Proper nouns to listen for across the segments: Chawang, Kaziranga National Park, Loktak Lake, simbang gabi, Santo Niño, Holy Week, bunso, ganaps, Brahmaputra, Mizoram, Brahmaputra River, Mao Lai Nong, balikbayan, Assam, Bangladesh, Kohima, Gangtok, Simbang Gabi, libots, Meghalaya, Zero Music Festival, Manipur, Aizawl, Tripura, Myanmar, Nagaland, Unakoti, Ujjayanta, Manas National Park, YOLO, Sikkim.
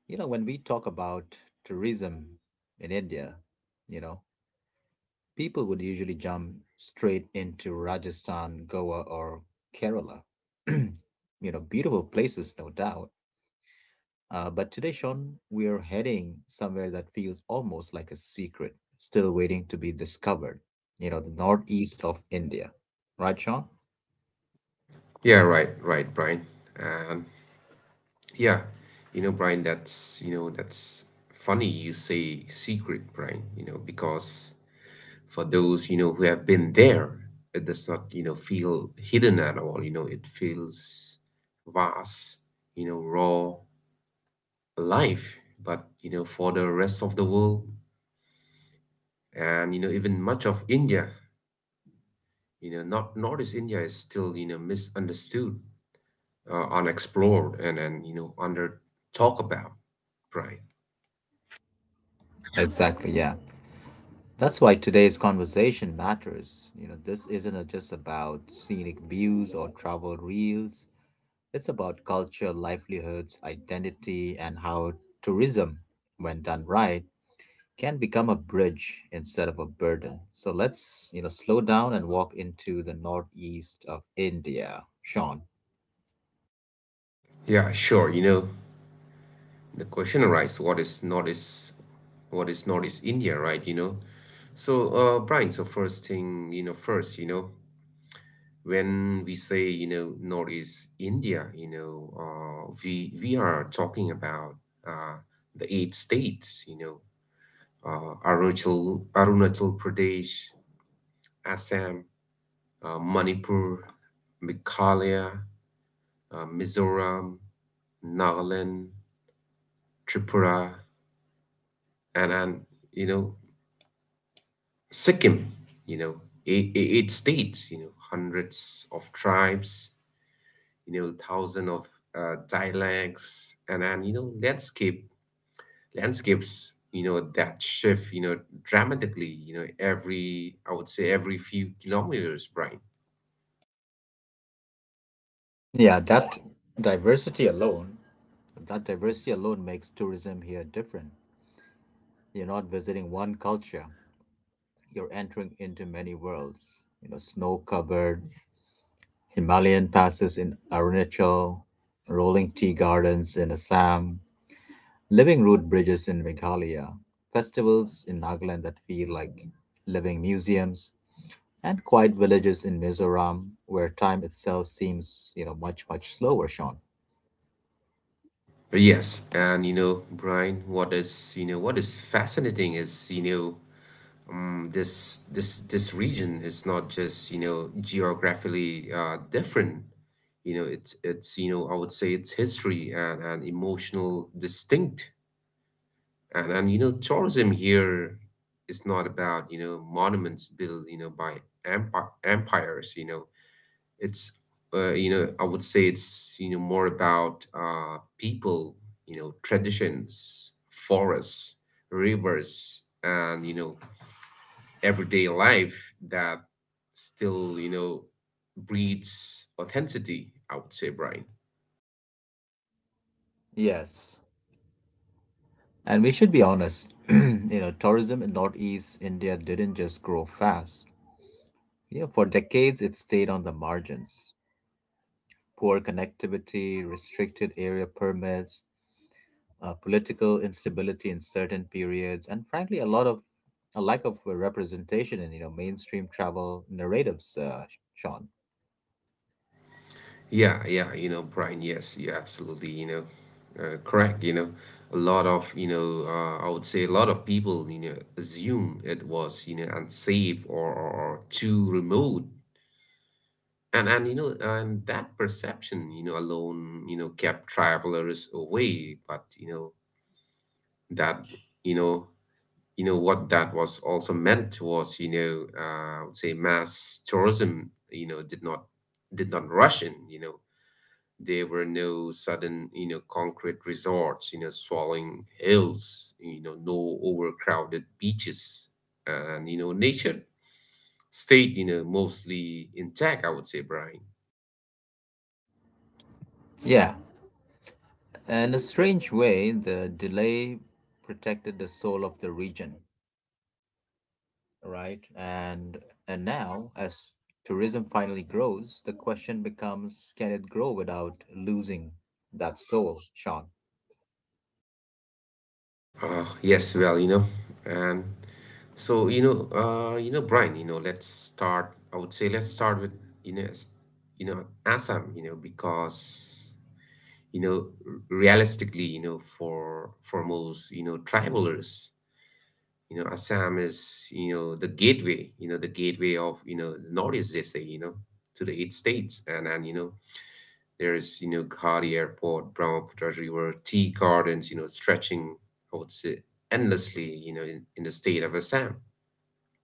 When we talk about tourism in India, you know, people would usually jump straight into Rajasthan, Goa, or Kerala. Beautiful places, no doubt. But today, Sean, we are heading somewhere that feels almost like a secret, still waiting to be discovered. You know, the northeast of India. Right, Sean? Yeah, right, right, Brian. And yeah, Brian, that's funny you say secret, Brian, because for those who have been there, it does not feel hidden at all. It feels vast, raw, alive. But, for the rest of the world and even much of India, not Northeast India is still misunderstood, unexplored, and under talk about. Right. Exactly, yeah. That's why today's conversation matters. This isn't just about scenic views or travel reels. It's about culture, livelihoods, identity, and how tourism, when done right, can become a bridge instead of a burden. So let's, slow down and walk into the northeast of India. Sean. Yeah, sure. The question arises, what is Northeast India, right? So, Brian. So first thing, when we say Northeast India, we are talking about uh, the eight states, Arunachal Pradesh, Assam, Manipur, Meghalaya, Mizoram, Nagaland, Tripura, and you know Sikkim. Eight states, hundreds of tribes, thousands of dialects, and landscapes, you know that shift, dramatically, you know every I would say every few kilometers, Brian. Yeah, diversity alone, that diversity alone makes tourism here different. You're not visiting one culture. You're entering into many worlds. You know, snow covered Himalayan passes in Arunachal, rolling tea gardens in Assam, living root bridges in Meghalaya, festivals in Nagaland that feel like living museums, and quiet villages in Mizoram where time itself seems, much slower, Sean. Yes, and Brian, what is fascinating is this region is not just geographically different. It's I would say it's history and emotional distinct and tourism here is not about monuments built by empires. You know, it's you know I would say it's more about people, traditions, forests, rivers, and everyday life that still breeds authenticity, I would say, Brian. Yes. And we should be honest, you know, tourism in Northeast India didn't just grow fast. You know, for decades it stayed on the margins. Poor connectivity, restricted area permits, political instability in certain periods, and frankly, a lack of representation in mainstream travel narratives. Sean. Yeah, yeah, Brian, yes, you're absolutely, correct. A lot of, you know, I would say a lot of people assume it was unsafe or too remote. And that perception alone kept travelers away, but you know that you know you know what that was also meant was, I would say mass tourism did not rush in. There were no sudden concrete resorts swallowing hills, no overcrowded beaches, and nature stayed mostly intact, I would say, Brian. Yeah, in a strange way, the delay protected the soul of the region, right? And now, as tourism finally grows, the question becomes: can it grow without losing that soul, Sean? Yes, well, and so, Brian, let's start. I would say let's start with you know, s- Assam, because realistically, for most travelers, Assam is the gateway of the Northeast, they say, to the eight states, and there's, Ghari Airport, Brahmaputra River, tea gardens, stretching, I would say, endlessly, in the state of Assam.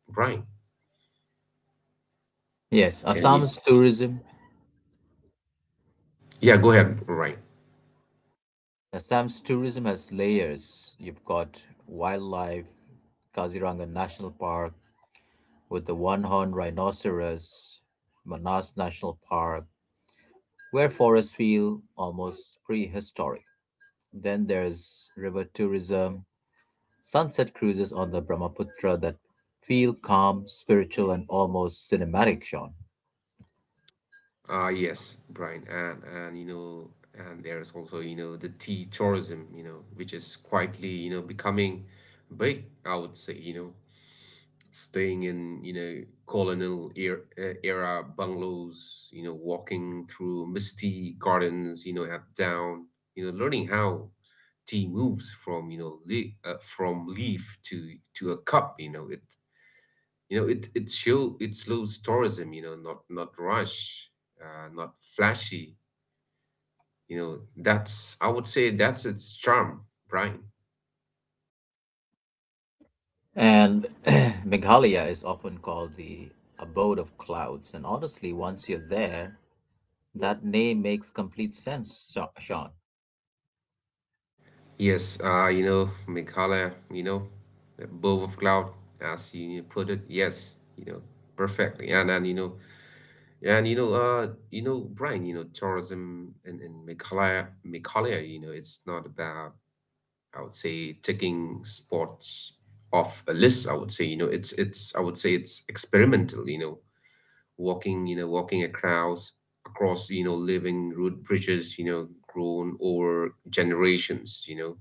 Brian, Yes, can you? Assam's tourism Yeah, go ahead, Brian. Assam's tourism has layers. You've got wildlife, Kaziranga National Park with the one horned rhinoceros, Manas National Park, where forests feel almost prehistoric. Then there's river tourism, sunset cruises on the Brahmaputra that feel calm, spiritual, and almost cinematic, Sean. Ah, yes, Brian. And there's also, the tea tourism, which is quietly becoming big, I would say, staying in colonial era bungalows, walking through misty gardens, at down, learning how tea moves from from leaf to a cup. You know it you know it it show it slows tourism, not rush, not flashy. You know that's i would say that's its charm, Brian. And Meghalaya is often called the abode of clouds. And honestly, once you're there, that name makes complete sense, Sean. Yes, Meghalaya, above of cloud, as you put it, yes, perfectly. And you know, Brian, tourism in Meghalaya, it's not about, I would say, ticking spots off a list, I would say, it's I would say it's experimental, walking across, living root bridges, grown over generations, you know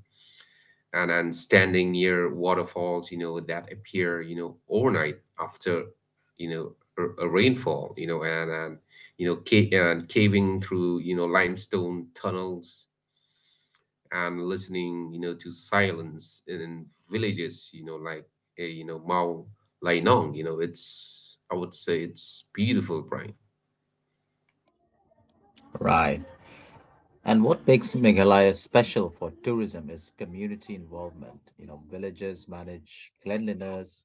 and and standing near waterfalls that appear overnight after you know a rainfall, and caving through limestone tunnels, and listening to silence in villages like Mao Lai Nong. You know it's I would say it's beautiful, Brian. Right. And what makes Meghalaya special for tourism is community involvement. You know, villages manage cleanliness.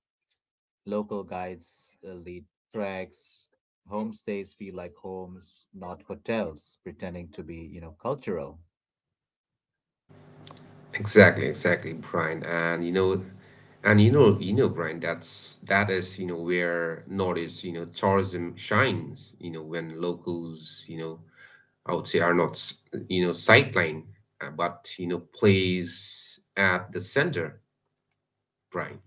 Local guides lead treks. Homestays feel like homes, not hotels, pretending to be, cultural. Exactly, exactly, Brian. And, Brian, that is, where Nordic, tourism shines, when locals, I would say are not sightline, but, plays at the center, Brian.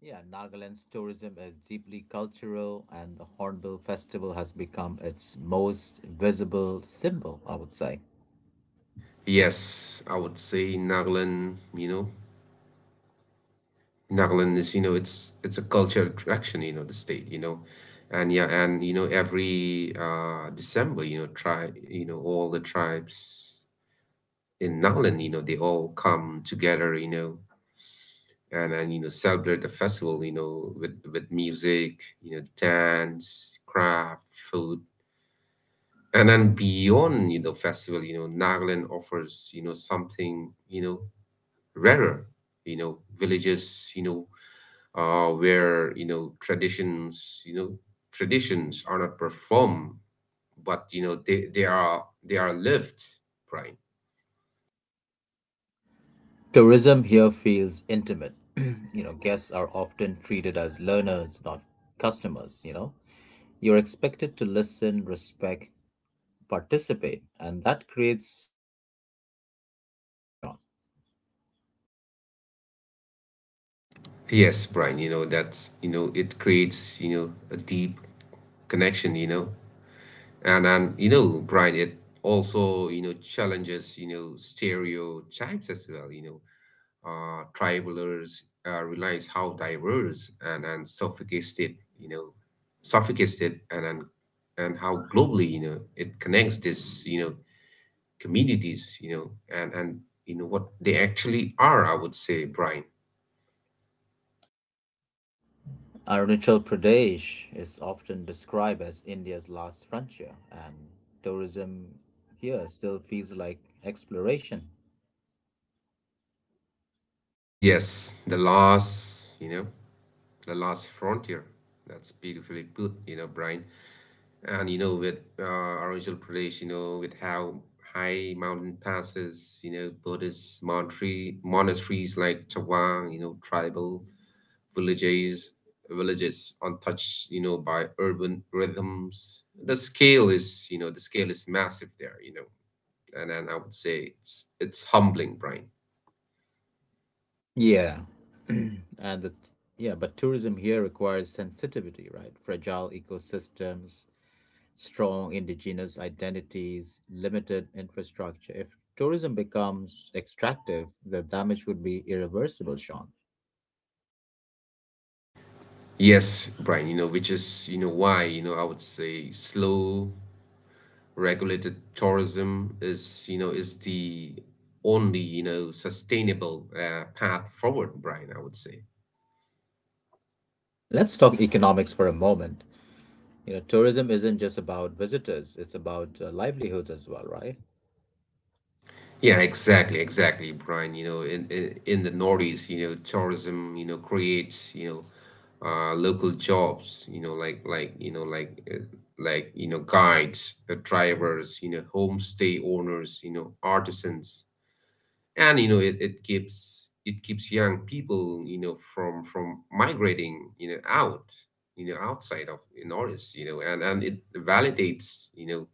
Yeah, Nagaland's tourism is deeply cultural, and the Hornbill Festival has become its most visible symbol, I would say. Yes, I would say Nagaland is, it's a cultural attraction, the state. And yeah, and every December, all the tribes in Nakhlan, they all come together, and celebrate the festival, with music, dance, craft, food, and then beyond festival, Nagaland offers something rarer, villages, where traditions are not performed, but they are lived, right? Tourism here feels intimate. You know, guests are often treated as learners, not customers, you know. You're expected to listen, respect participate, and that creates a deeper connection, Sean. Yes, Brian, it creates, a deep connection. And, Brian, it also, challenges, stereotypes as well. Travelers realize how diverse and sophisticated, and how globally, it connects this, communities, and what they actually are, I would say, Brian. Arunachal Pradesh is often described as India's last frontier, and tourism here still feels like exploration. Yes, the loss. The Last Frontier. That's beautifully put, Brian. And with Arunachal Pradesh, with how high mountain passes, Buddhist monasteries like Chawang, tribal villages, villages untouched, by urban rhythms. The scale is massive there, and I would say it's humbling, Brian. Yeah. and the, yeah, but tourism here requires sensitivity, right? Fragile ecosystems, strong indigenous identities, limited infrastructure. If tourism becomes extractive, the damage would be irreversible, Sean. Yes, Brian, which is, why, I would say slow, regulated tourism is the only sustainable path forward, Brian, I would say. Let's talk economics for a moment. You know, tourism isn't just about visitors, it's about livelihoods as well, right? Yeah, exactly, Brian. In the Northeast, tourism, creates, local jobs, you know like you know like you know guides, drivers, homestay owners, artisans, and it keeps young people from migrating out, outside of Norris, and it validates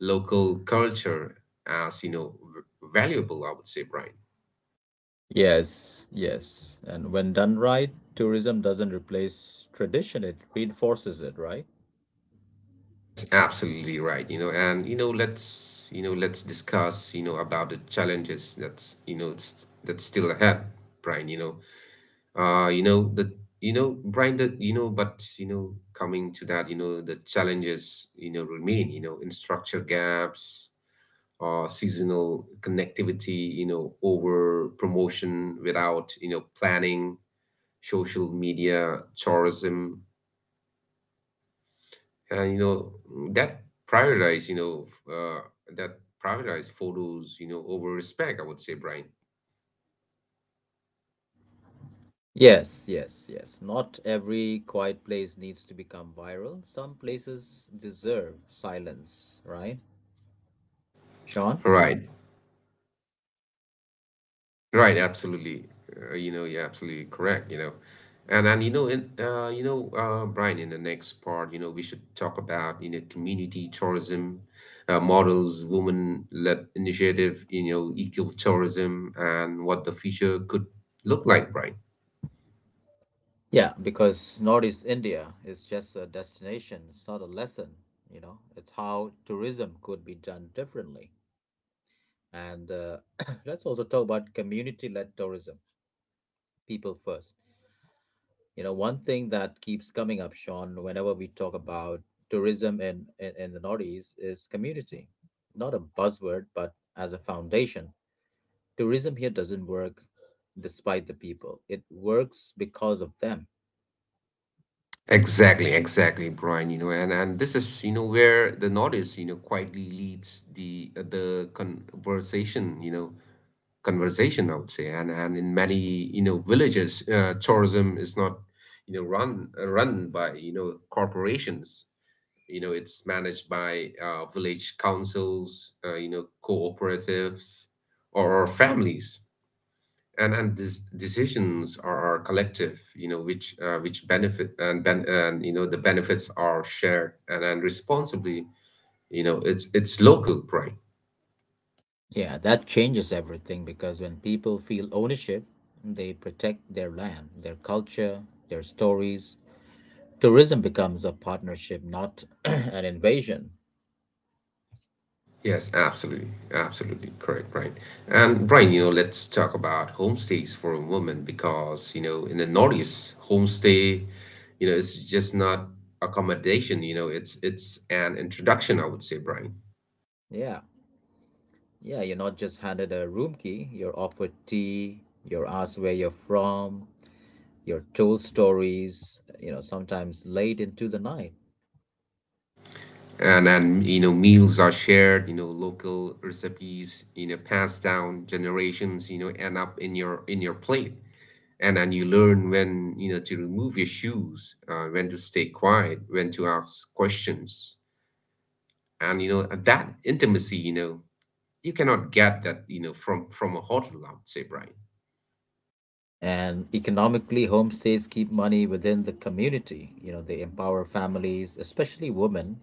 local culture as valuable, I would say, Brian. Yes, yes. And when done right, tourism doesn't replace tradition, it reinforces it, right? Yes, absolutely right. you know and you know Let's discuss, about the challenges that's still ahead, Brian. You know the you know Brian, but coming to that, the challenges remain. Infrastructure gaps, seasonal connectivity, over promotion without planning, social media tourism, and you know that prioritize you know f- that prioritize photos over respect, I would say, Brian. Yes, yes, yes. Not every quiet place needs to become viral. Some places deserve silence, right, Sean? Right. Right, absolutely. You're absolutely correct. And you know, in you know, Brian, in the next part, we should talk about, community tourism models, women-led initiative, eco-tourism, and what the future could look like, Brian. Yeah, because Northeast India is just a destination, it's not a lesson, you know. It's how tourism could be done differently. And Let's also talk about community-led tourism, people first. You know, one thing that keeps coming up, Sean, whenever we talk about tourism in the Northeast is community. Not a buzzword, but as a foundation. Tourism here doesn't work despite the people, it works because of them. Exactly, exactly, Brian. And this is, where the notice, quietly leads the conversation, you know, conversation, I would say. And in many villages, tourism is not run by corporations. It's managed by village councils, cooperatives, or families. And these decisions are collective, which benefit, and the benefits are shared and responsibly. It's local pride. Yeah, that changes everything because when people feel ownership, they protect their land, their culture, their stories. Tourism becomes a partnership, not an invasion. Yes, absolutely. Absolutely correct, Brian. And, Brian, let's talk about homestays for a moment, because, in the Northeast, homestay, it's just not accommodation, it's an introduction, I would say, Brian. Yeah. Yeah, you're not just handed a room key, you're offered tea, you're asked where you're from, you're told stories, you know, sometimes late into the night. And meals are shared, local recipes, passed down generations, end up in your plate. And then you learn when, to remove your shoes, when to stay quiet, when to ask questions. And that intimacy, you cannot get that from a hotel, I would say, Brian. And economically, homestays keep money within the community. You know, they empower families, especially women,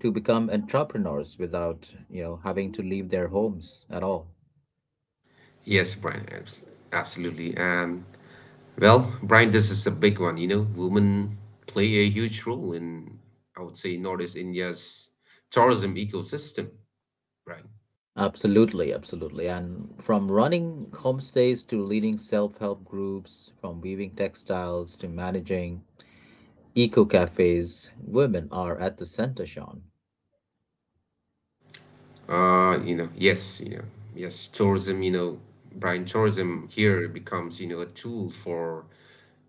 to become entrepreneurs without, having to leave their homes at all. Yes, Brian. Absolutely. And well, Brian, this is a big one. Women play a huge role in, I would say, Northeast India's tourism ecosystem, Brian. Absolutely, absolutely. And from running homestays to leading self help groups, from weaving textiles to managing eco cafes, women are at the center, Sean. Yes. Yes, tourism, Brian, tourism here becomes a tool for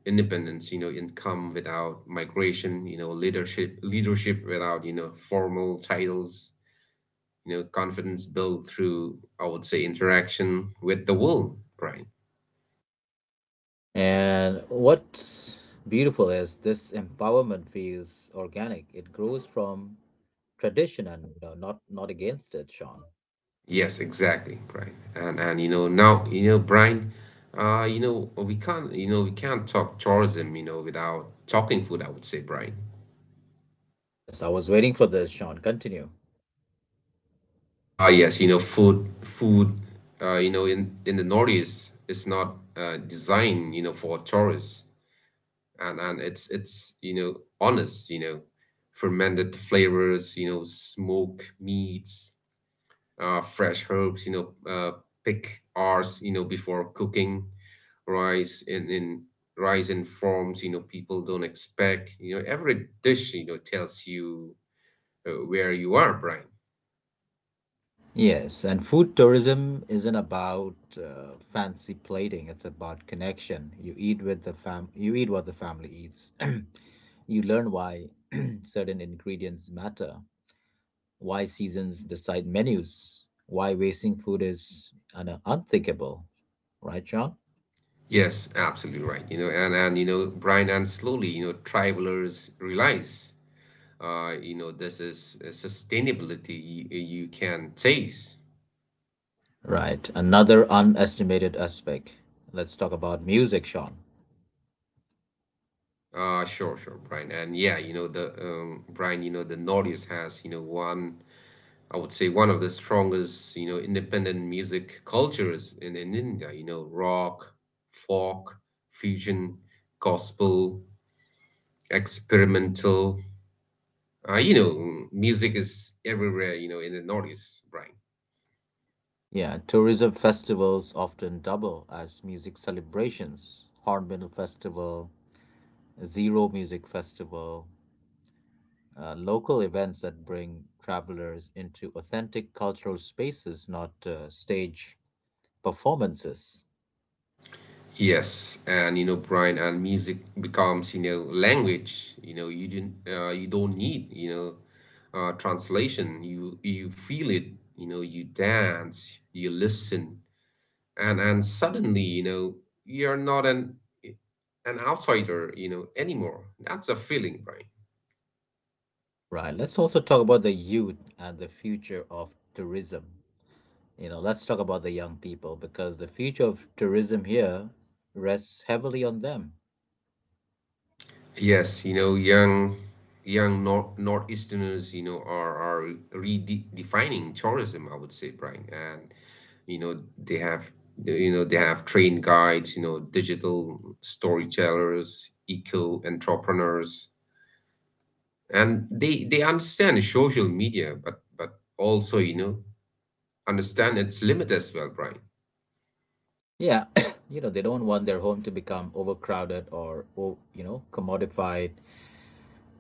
independence, income without migration, leadership without, formal titles, confidence built through, I would say, interaction with the world, Brian. And what's beautiful is this empowerment feels organic, it grows from tradition and not, not against it, Sean. Yes, exactly, Brian. And now, Brian, we can't talk tourism, without talking food, I would say, Brian. Yes, I was waiting for this, Sean. Continue. Yes, in the Northeast is not designed, for tourists. And it's honest, fermented flavors, smoke meats, fresh herbs, know uh pick hours before cooking, rice in in rice in forms, people don't expect. Every dish, tells you where you are, Brian. Yes, and food tourism isn't about fancy plating. It's about connection. You eat with the fam. You eat what the family eats. You learn why certain ingredients matter, why seasons decide menus, why wasting food is unthinkable. Right, Sean? Yes, absolutely right. And Brian, and slowly travelers realize this is a sustainability you can chase. Right. Another underestimated aspect. Let's talk about music, Sean. Sure, Brian. And yeah, the Brian, the Northeast has, one, I would say, one of the strongest independent music cultures in India. Rock, folk, fusion, gospel, experimental, music is everywhere, in the Northeast, Brian. Yeah, tourism festivals often double as music celebrations. Hornbill Festival, Zero Music Festival, local events that bring travelers into authentic cultural spaces, not stage performances. Yes, and, Brian, and music becomes, language. You know, you didn't, you don't need, translation. You feel it. You dance, you listen, and suddenly, you're not an outsider, anymore. That's a feeling, Brian. Right. Let's also talk about the youth and the future of tourism. You know, let's talk about the young people because the future of tourism here rests heavily on them. Yes, young Northeasterners, are redefining tourism, I would say, Brian. And you know, they have they have trained guides, digital storytellers, eco entrepreneurs, and they understand social media, but also, understand its limit as well, Brian. Yeah, you know, they don't want their home to become overcrowded or you know, commodified.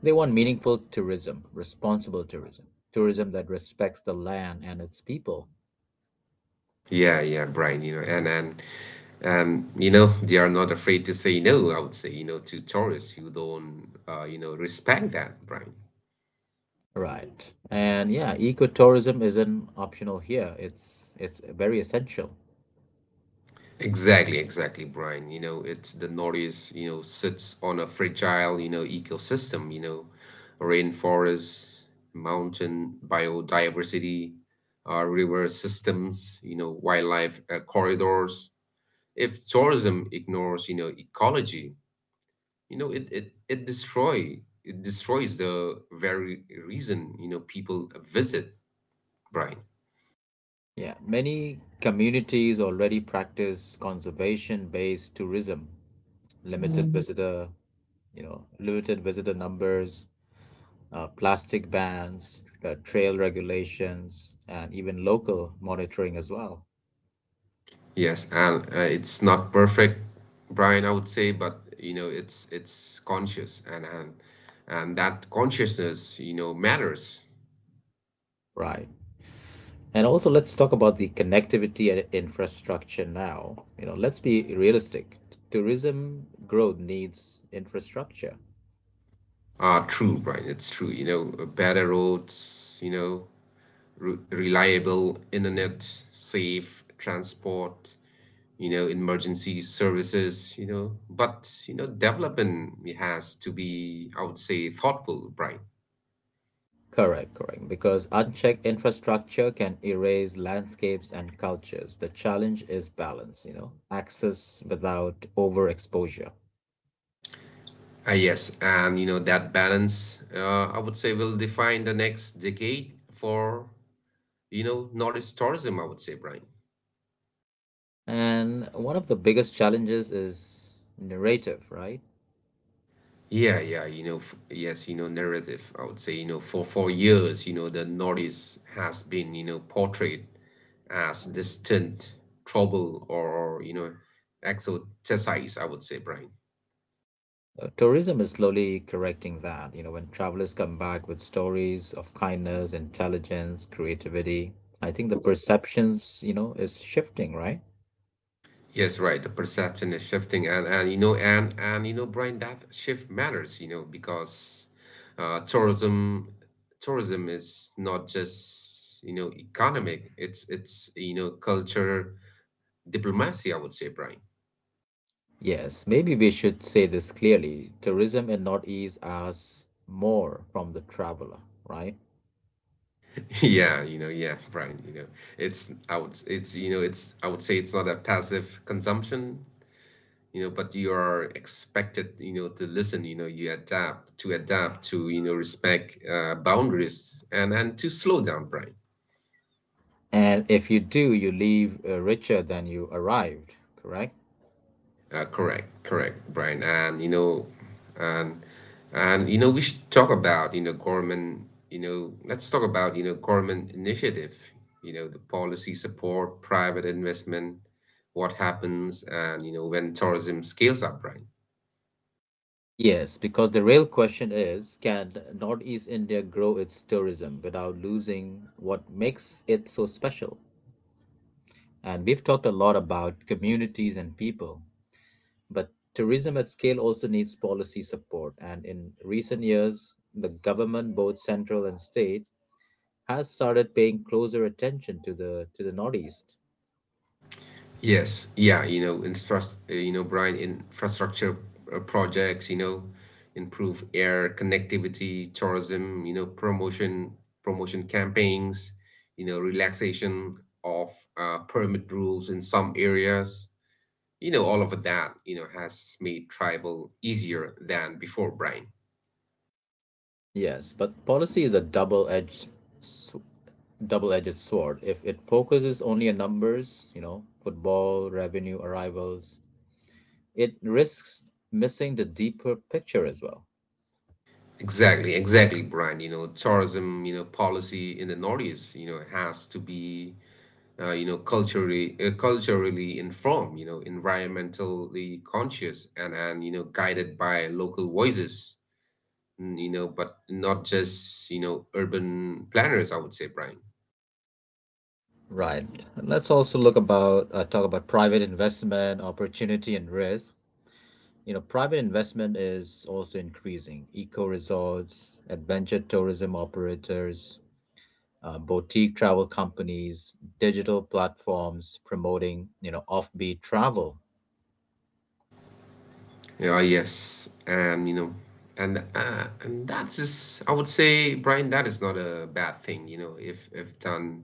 They want meaningful tourism, responsible tourism, tourism that respects the land and its people. Yeah, yeah, Brian, and they are not afraid to say no, I would say, to tourists who don't, respect that, Brian. Right. And yeah, ecotourism isn't optional here. It's very essential. Exactly, exactly, Brian. It's the Northeast, sits on a fragile, ecosystem. Rainforests, mountain biodiversity, river systems, wildlife, corridors. If tourism ignores, ecology, it destroys the very reason, people visit, Brian. Yeah, many communities already practice conservation-based tourism, limited Mm. visitor, you know, limited visitor numbers, plastic bans, trail regulations, and even local monitoring as well. Yes, and, it's not perfect, Brian, I would say, but it's conscious, and that consciousness, matters. Right. And also, let's talk about the connectivity and infrastructure now. You know, let's be realistic. Tourism growth needs infrastructure. Ah, true, Brian. It's true. Better roads. Re reliable internet, safe transport, emergency services. But, development has to be, I would say, thoughtful, right? Correct, correct. Because unchecked infrastructure can erase landscapes and cultures. The challenge is balance, you know, access without overexposure. Ah, yes, and that balance, I would say, will define the next decade for, Nordic tourism, I would say, Brian. And one of the biggest challenges is narrative, right? Yeah, yeah, f yes, narrative, I would say, for years, the Nordics has been, portrayed as distant, trouble, or, exoticized, I would say, Brian. Tourism is slowly correcting that. You know, when travelers come back with stories of kindness, intelligence, creativity, I think the perceptions, is shifting, right? Yes, right. The perception is shifting, and Brian, that shift matters, because, uh, tourism tourism is not just, economic. It's, culture diplomacy, I would say, Brian. Yes, maybe we should say this clearly. Tourism in Northeast asks more from the traveler, right? Yeah, yeah, Brian. It's I would it's you know it's I would say it's not a passive consumption. But you are expected, to listen, you adapt to, respect, boundaries, and to slow down, Brian. And if you do, you leave richer than you arrived, correct? Correct, Brian. And and we should talk about, government. Let's talk about, government initiative, the policy support, private investment. What happens, and, when tourism scales up, right? Yes, because the real question is, can Northeast India grow its tourism without losing what makes it so special? And we've talked a lot about communities and people, but tourism at scale also needs policy support. And in recent years, the government, both central and state, has started paying closer attention to the Northeast. Yes, yeah, Brian, infrastructure, projects, improve air connectivity, tourism, promotion campaigns, relaxation of, permit rules in some areas. All of that, has made travel easier than before, Brian. Yes, but policy is a sw- double-edged sword. If it focuses only on numbers, you know, football revenue arrivals, it risks missing the deeper picture as well. Exactly, exactly, Brian. Tourism, policy in the Northeast, has to be, culturally informed, environmentally conscious, and guided by local voices, but not just, urban planners, I would say, Brian. Right. Let's also look about talk about private investment opportunity and risk. You know, private investment is also increasing. Eco resorts, adventure tourism operators, boutique travel companies, digital platforms promoting offbeat travel. Yeah, yes, and, and that's just, I would say, Brian, that is not a bad thing, if done,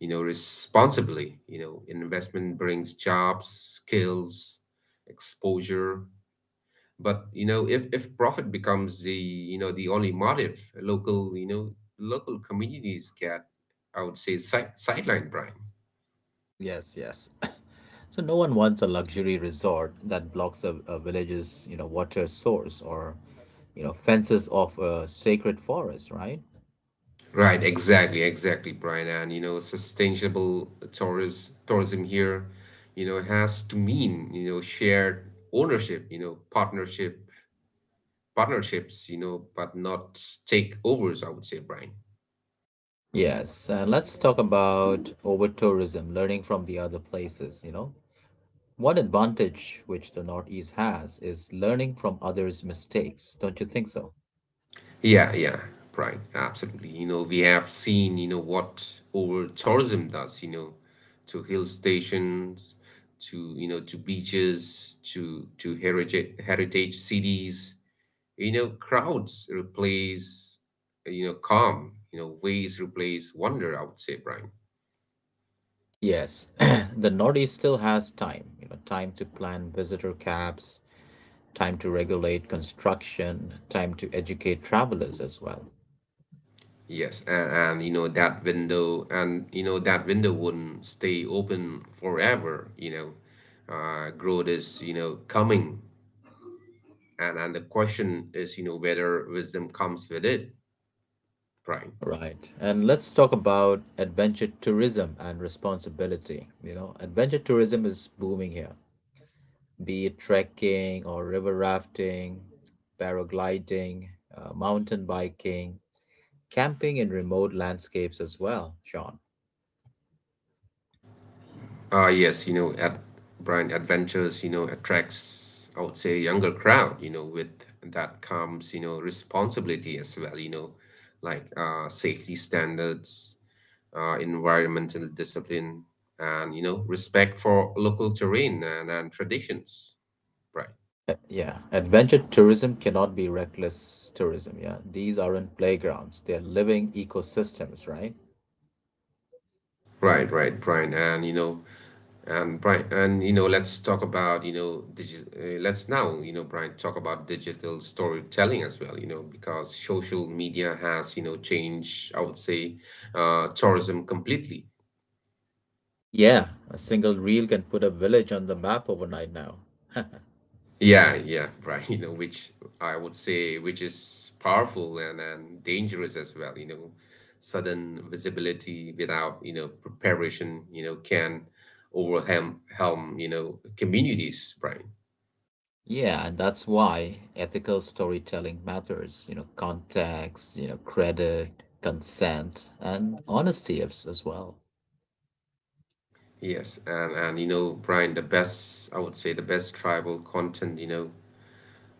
responsibly, investment brings jobs, skills, exposure. But, if profit becomes the only motive, local, local communities get, I would say, sideline, Brian. Yes, yes. So no one wants a luxury resort that blocks a village's water source or fences off a sacred forest, right? Right, exactly, Brian. And, sustainable tourism here, has to mean, shared ownership, partnerships, but not takeovers, I would say, Brian. Yes, and let's talk about over tourism, learning from the other places, you know. One advantage which the Northeast has is learning from others' mistakes, don't you think so? Yeah, yeah, right. Absolutely. We have seen, what over tourism does, to hill stations, to, to beaches, to heritage cities. Crowds replace, calm, ways replace wonder, I would say, Brian. Yes, the Northeast still has time, you know, time to plan visitor caps, time to regulate construction, time to educate travelers as well. Yes, and that window, and, that window wouldn't stay open forever. Growth is, coming, and the question is, whether wisdom comes with it, Brian. Right. And let's talk about adventure tourism and responsibility. You know, adventure tourism is booming here. Be it trekking or river rafting, paragliding, mountain biking, camping in remote landscapes as well, Sean. Ah, yes, at Brian, adventures, attracts, I would say, a younger crowd. With that comes, responsibility as well. Like, safety standards, environmental discipline, and, respect for local terrain, and traditions, right Yeah, adventure tourism cannot be reckless tourism. Yeah, these aren't playgrounds, they're living ecosystems, right? right right, Brian. And Brian, and you know, let's talk about, you know, digi let's now, Brian, talk about digital storytelling as well, because social media has, changed, I would say, tourism completely. Yeah, a single reel can put a village on the map overnight now. Yeah, yeah, right. Which, I would say, which is powerful and dangerous as well, sudden visibility without, preparation, can overwhelm, communities, Brian. Yeah, and that's why ethical storytelling matters. You know, context, you know, credit, consent, and honesty as well. Yes, and Brian, the best I would say, the best tribal content,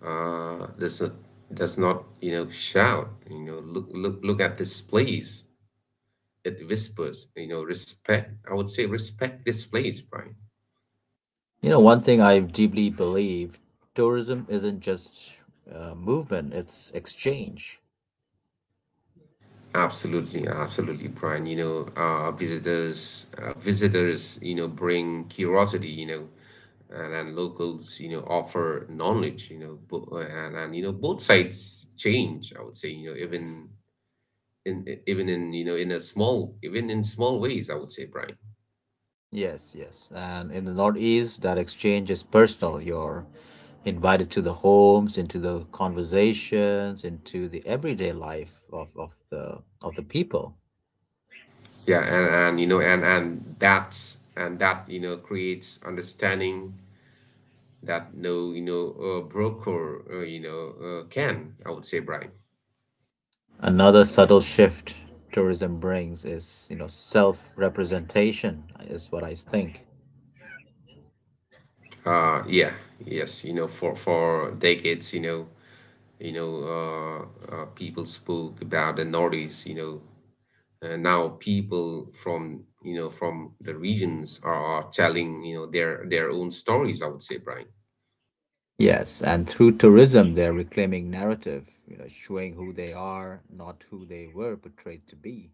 uh, does not does not, shout, look at this place. It whispers, respect. I would say, respect this place, Brian. You know, one thing I deeply believe: tourism isn't just movement, it's exchange. Absolutely, absolutely, Brian. Visitors, bring curiosity, and locals, offer knowledge, and both sides change, I would say, even in, I- even in you know in a small even in small ways, I would say, Brian. Yes, yes. And in the Northeast, that exchange is personal. You're invited to the homes, into the conversations, into the everyday life of the people. Yeah, and you know and that's and that, creates understanding that no, broker, can, I would say, Brian. Another subtle shift tourism brings is, you know, self-representation is what I think. Yeah, yes. For decades, people spoke about the Nordies. And now people from, from the regions are telling, their own stories, I would say, Brian. Yes, and through tourism, they're reclaiming narrative, you know, showing who they are, not who they were portrayed to be.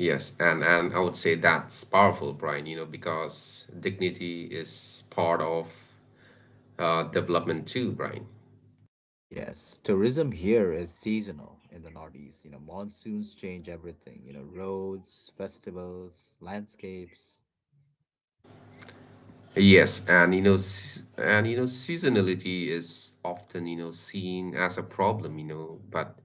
Yes, and I would say that's powerful, Brian, because dignity is part of, development too, Brian. Yes, tourism here is seasonal in the Northeast. You know, monsoons change everything, you know, roads, festivals, landscapes. Yes, and, seasonality is often, seen as a problem, but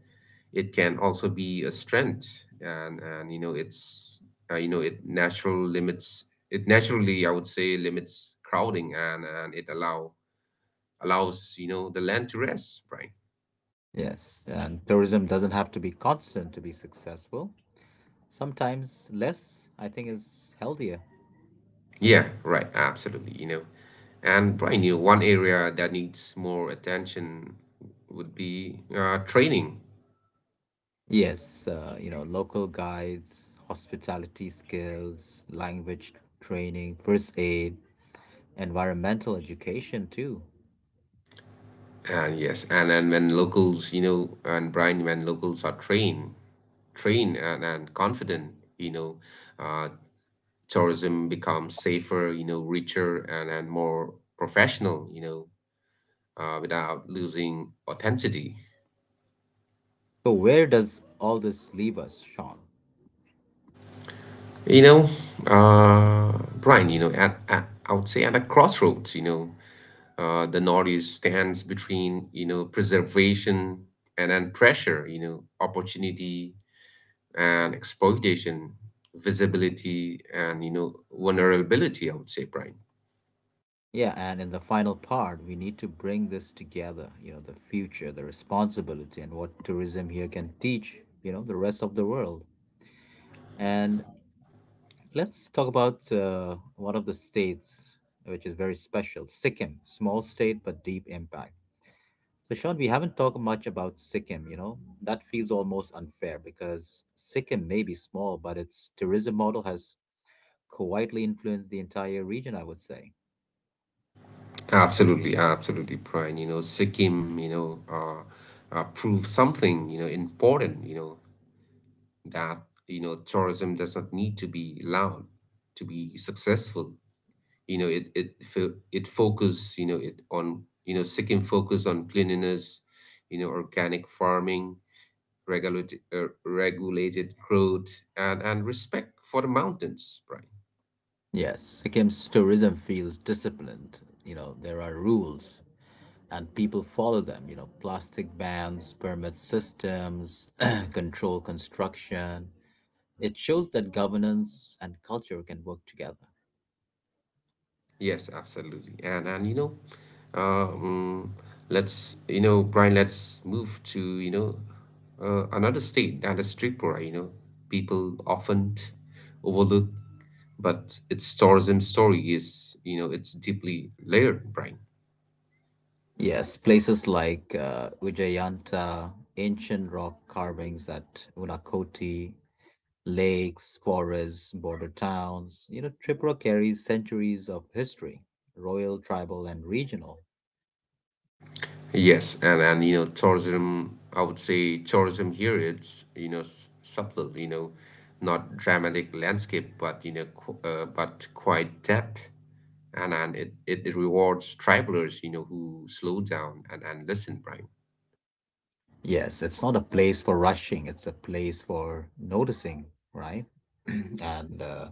it can also be a strength. And it's it natural limits, it naturally, I would say, limits crowding, and it allow allows, the land to rest, Brian. Yes, and tourism doesn't have to be constant to be successful. Sometimes less, I think, is healthier. Yeah, right, absolutely. And Brian, one area that needs more attention would be, training. Yes, you know, local guides, hospitality skills, language training, first aid, environmental education too. And yes, and when locals, you know, and Brian, when locals are trained, and confident, you know, uh, tourism becomes safer, richer and more professional, without losing authenticity. So, where does all this leave us, Sean? You know, uh, Brian, at I would say, at a crossroads. The Northeast stands between, preservation, and then pressure, opportunity and exploitation, visibility and, vulnerability, I would say, Brian. Yeah, and in the final part, we need to bring this together, you know, the future, the responsibility, and what tourism here can teach, you know, the rest of the world. And let's talk about one of the states which is very special: Sikkim, small state but deep impact. So, Sean, we haven't talked much about Sikkim, you know, that feels almost unfair because Sikkim may be small, but its tourism model has quietly influenced the entire region, I would say. Absolutely, absolutely, Brian. Sikkim, prove something, important, that, tourism does not need to be loud to be successful. It it it focus, it on, second focus on cleanliness, organic farming, regulated growth, and respect for the mountains, Brian. Yes, Sikkim's tourism feels disciplined. You know, there are rules and people follow them. You know, plastic bans, permit systems, control construction. It shows that governance and culture can work together. Yes, absolutely. And and you know um let's you know brian let's move to another state, that is Tripura. You know, people often overlook, but its tourism story is, you know, it's deeply layered, Brian. Yes, places like Ujjayanta, ancient rock carvings at Unakoti, lakes, forests, border towns. You know, Tripura carries centuries of history, royal, tribal, and regional. Yes, and you know tourism. I would say tourism here, it's, you know, subtle. You know, not dramatic landscape, but, you know, but quite depth. And it rewards travelers, you know, who slow down and listen, Brian. Yes, it's not a place for rushing, it's a place for noticing, right? And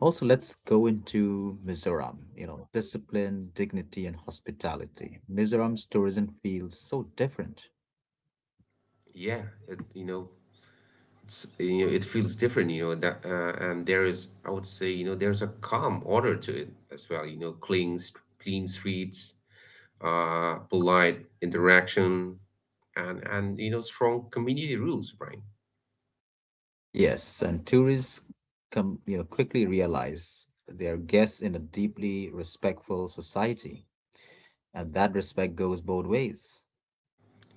also, let's go into Mizoram. You know, discipline, dignity, and hospitality. Mizoram's tourism feels so different. Yeah, it, you know, it's, you know, it feels different. You know that And there is, I would say, you know, there's a calm order to it as well. You know, clean streets, polite interaction, and you know, strong community rules, Brian. Yes, and tourists come, you know, quickly realize they're guests in a deeply respectful society, and that respect goes both ways.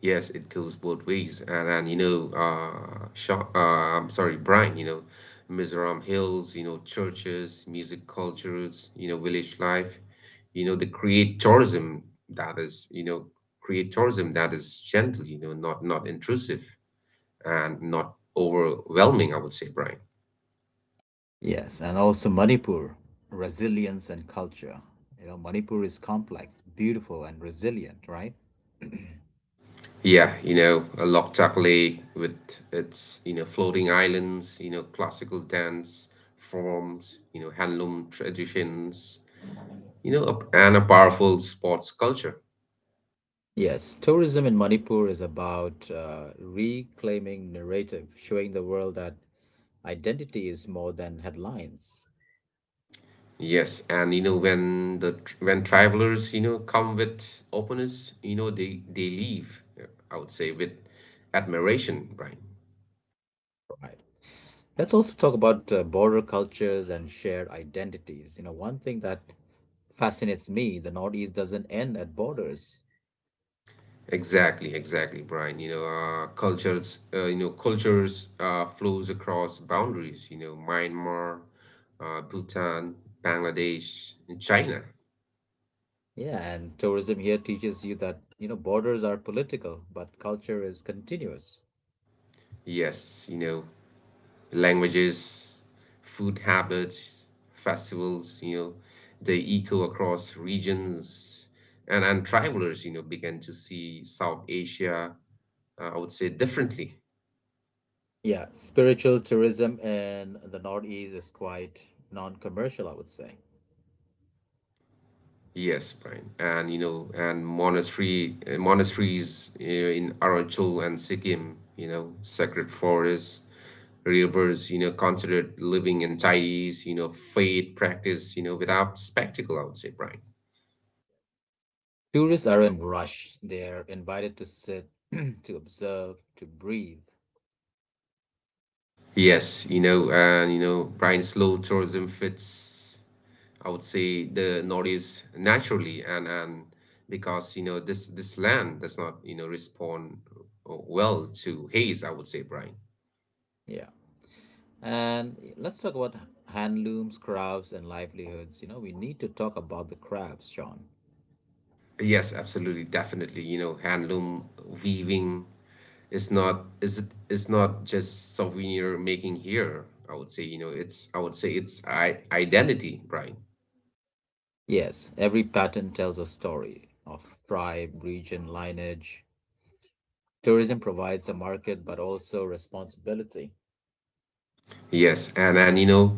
Yes, it goes both ways. And and you know uh, Sha uh I'm sorry, Brian, you know, Mizoram hills, you know, churches, music, cultures, you know, village life, you know, they create tourism that is, you know create tourism that is gentle, you know, not intrusive and not overwhelming, I would say, Brian. Yes, and also Manipur, resilience and culture. You know, Manipur is complex, beautiful, and resilient, right? Yeah, you know, a Loktak Lake with, its, you know, floating islands, you know, classical dance forms, you know, handloom traditions, you know, and a powerful sports culture. Yes, tourism in Manipur is about reclaiming narrative, showing the world that identity is more than headlines. Yes, and you know, when the when travelers, you know, come with openness, you know, they leave, I would say, with admiration, Brian. Right. Let's also talk about border cultures and shared identities. You know, one thing that fascinates me, the Northeast doesn't end at borders. Exactly, exactly, Brian. You know, cultures flows across boundaries. You know, Myanmar, Bhutan, Bangladesh, and China. Yeah, and tourism here teaches you that, you know, borders are political, but culture is continuous. Yes, you know, languages, food habits, festivals. You know, they echo across regions, and travelers, you know, began to see South Asia, I would say, differently. Yeah, spiritual tourism in the Northeast is quite non-commercial, I would say. Yes, Brian, and you know, and monastery monasteries in Arunachal and Sikkim, you know, sacred forests, rivers, you know, considered living entities, you know, faith practice, you know, without spectacle, I would say, Brian. Tourists aren't rushed. They're invited to sit, to observe, to breathe. Yes, you know, and you know, Brian, slow tourism fits, I would say, the Northeast naturally, and because, you know, this land does not, you know, respond, well, to haze, I would say, Brian. Yeah. And let's talk about handlooms, crafts, and livelihoods. You know, we need to talk about the crafts, Sean. Yes, absolutely, definitely. You know, handloom weaving is, it is not just souvenir making here. I would say, you know, it's I identity, Brian. Yes, every pattern tells a story of tribe, region, lineage. Tourism provides a market, but also responsibility. Yes, and you know,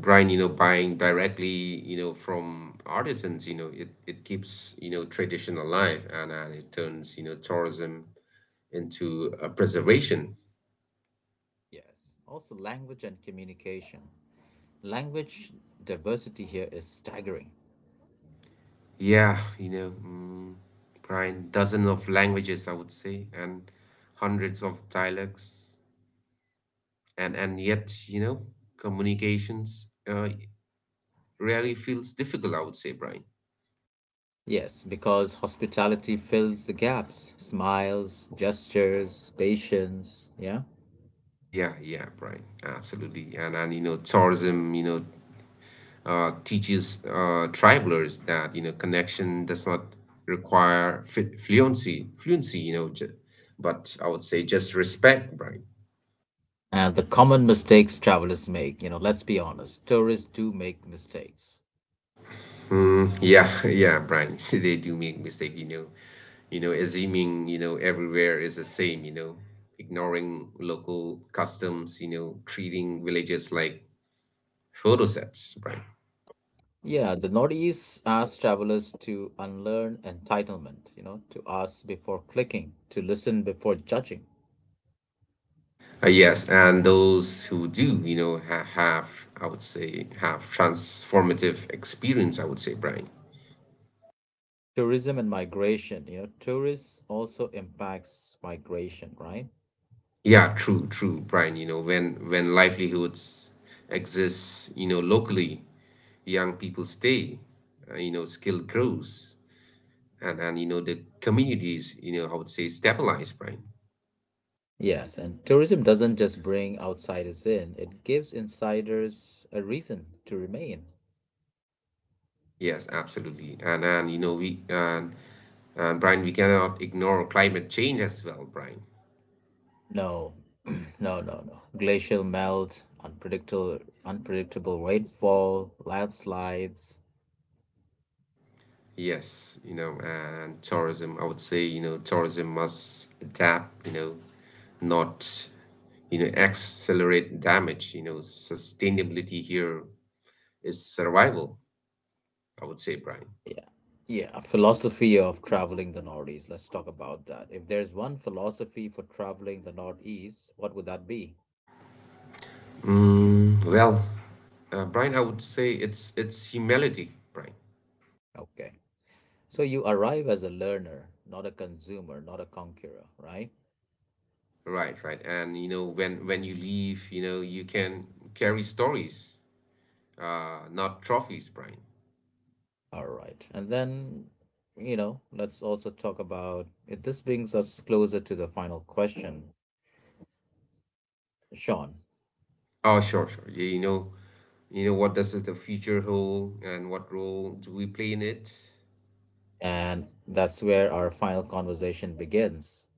Brian, you know, buying directly, you know, from artisans, you know, it keeps, you know, tradition alive, and it turns, you know, tourism into a preservation. Yes, also language and communication. Language diversity here is staggering. Yeah, Brian, dozens of languages, I would say, and hundreds of dialects, and yet, you know, communications really feels difficult, I would say, Brian. Yes, because hospitality fills the gaps smiles, gestures, patience, yeah? Yeah, yeah, Brian, absolutely, and you know, tourism, you know, teaches, travelers, that you know, connection does not require fluency, you know, but I would say, just respect, Brian. And the common mistakes travelers make, you know, let's be honest, tourists do make mistakes. Mm, yeah, yeah, Brian. They do make mistake, you know. You know, assuming, you know, everywhere is the same, you know, ignoring local customs, you know, treating villages like photo sets, Brian. Yeah, the Northeast asks travelers to unlearn entitlement, you know, to ask before clicking, to listen before judging. Yes, and those who do, you know, have, I would say, have transformative experience, I would say, Brian. Tourism and migration, you know, tourists also impacts migration, right? Yeah, true, true, Brian. You know, when livelihoods exist, you know, locally, young people stay, you know, skill grows, and you know, the communities, you know, I would say, stabilize, Brian. Yes, and tourism doesn't just bring outsiders in, it gives insiders a reason to remain. Yes, absolutely, and you know we and Brian, we cannot ignore climate change as well, Brian. No, no, no, no. Glacial melt, unpredictable, unpredictable rainfall, landslides. Yes, you know, and tourism, I would say, you know, tourism must adapt, you know, not, you know, accelerate damage. You know, sustainability here is survival, I would say, Brian. Yeah, yeah. Philosophy of traveling the Northeast. Let's talk about that. If there's one philosophy for traveling the Northeast, what would that be? mm, well Brian, I would say, it's humility, Brian. Okay. So you arrive as a learner, not a consumer, not a conqueror, right? Right, right. And you know, when you leave, you know, you can carry stories, not trophies, Brian. All right. And then, you know, let's also talk about it. This brings us closer to the final question, Sean. Oh, sure, sure. Yeah, you know, you know, what does the future hold, and what role do we play in it? And that's where our final conversation begins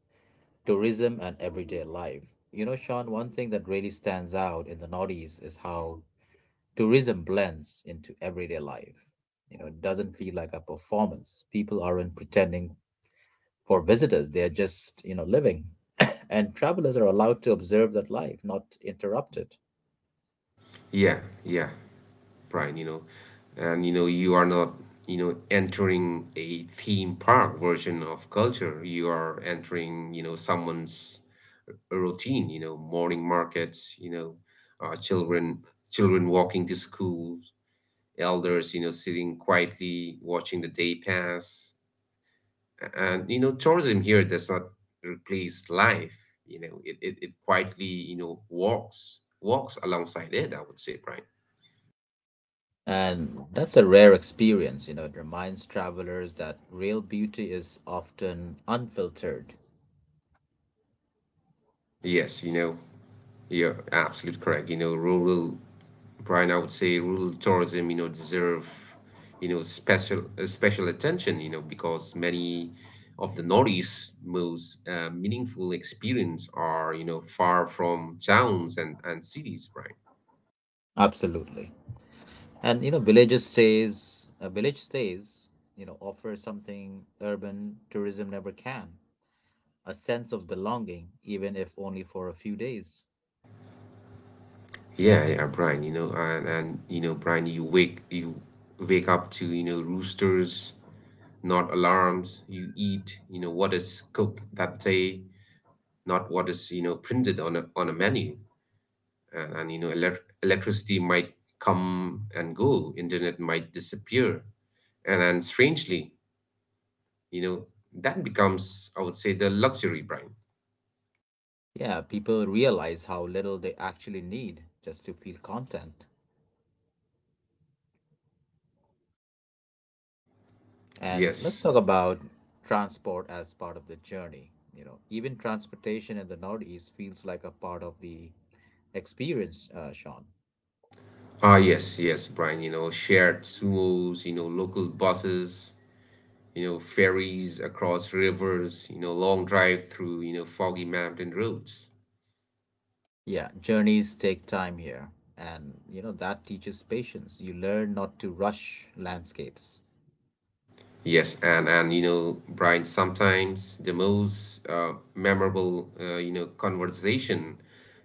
tourism and everyday life. You know, Sean, one thing that really stands out in the Northeast is how tourism blends into everyday life. You know, it doesn't feel like a performance. People aren't pretending for visitors, they're just, you know, living. And travelers are allowed to observe that life, not interrupt it. Yeah, yeah, Brian, you know, and you know, you are not, you know, entering a theme park version of culture. You are entering, you know, someone's routine, you know, morning markets, you know, uh, children children walking to school, elders, you know, sitting quietly watching the day pass. And you know, tourism here does not replace life. You know, it quietly, you know, walks alongside it, I would say, Brian. And that's a rare experience. You know, it reminds travelers that real beauty is often unfiltered. Yes, you know. You're absolutely correct. You know, rural, Brian, I would say, rural tourism, you know, deserve, you know, special attention, you know, because many of the Northeast's most meaningful experience are, you know, far from towns and, cities, Brian. Absolutely. And you know, villages stays a village stays, you know, offer something urban tourism never can. A sense of belonging, even if only for a few days. Yeah, yeah, Brian, you know, and you know, Brian, you wake up to, you know, roosters, not alarms. You eat, you know, what is cooked that day, not what is, you know, printed on a menu. And, you know, electricity might come and go, internet might disappear, and strangely, you know, that becomes, I would say, the luxury, Brian. Yeah, people realize how little they actually need just to feel content. And let's Yes, talk about transport as part of the journey. You know, even transportation in the Northeast feels like a part of the experience, Sean. ah, yes, yes, Brian. You know, shared sumos, you know, local buses, you know, ferries across rivers, you know, long drive through, you know, foggy mountain roads. Yeah, journeys take time here. And, you know, that teaches patience. You learn not to rush landscapes. Yes, and you know, Brian, sometimes the most memorable, you know, conversation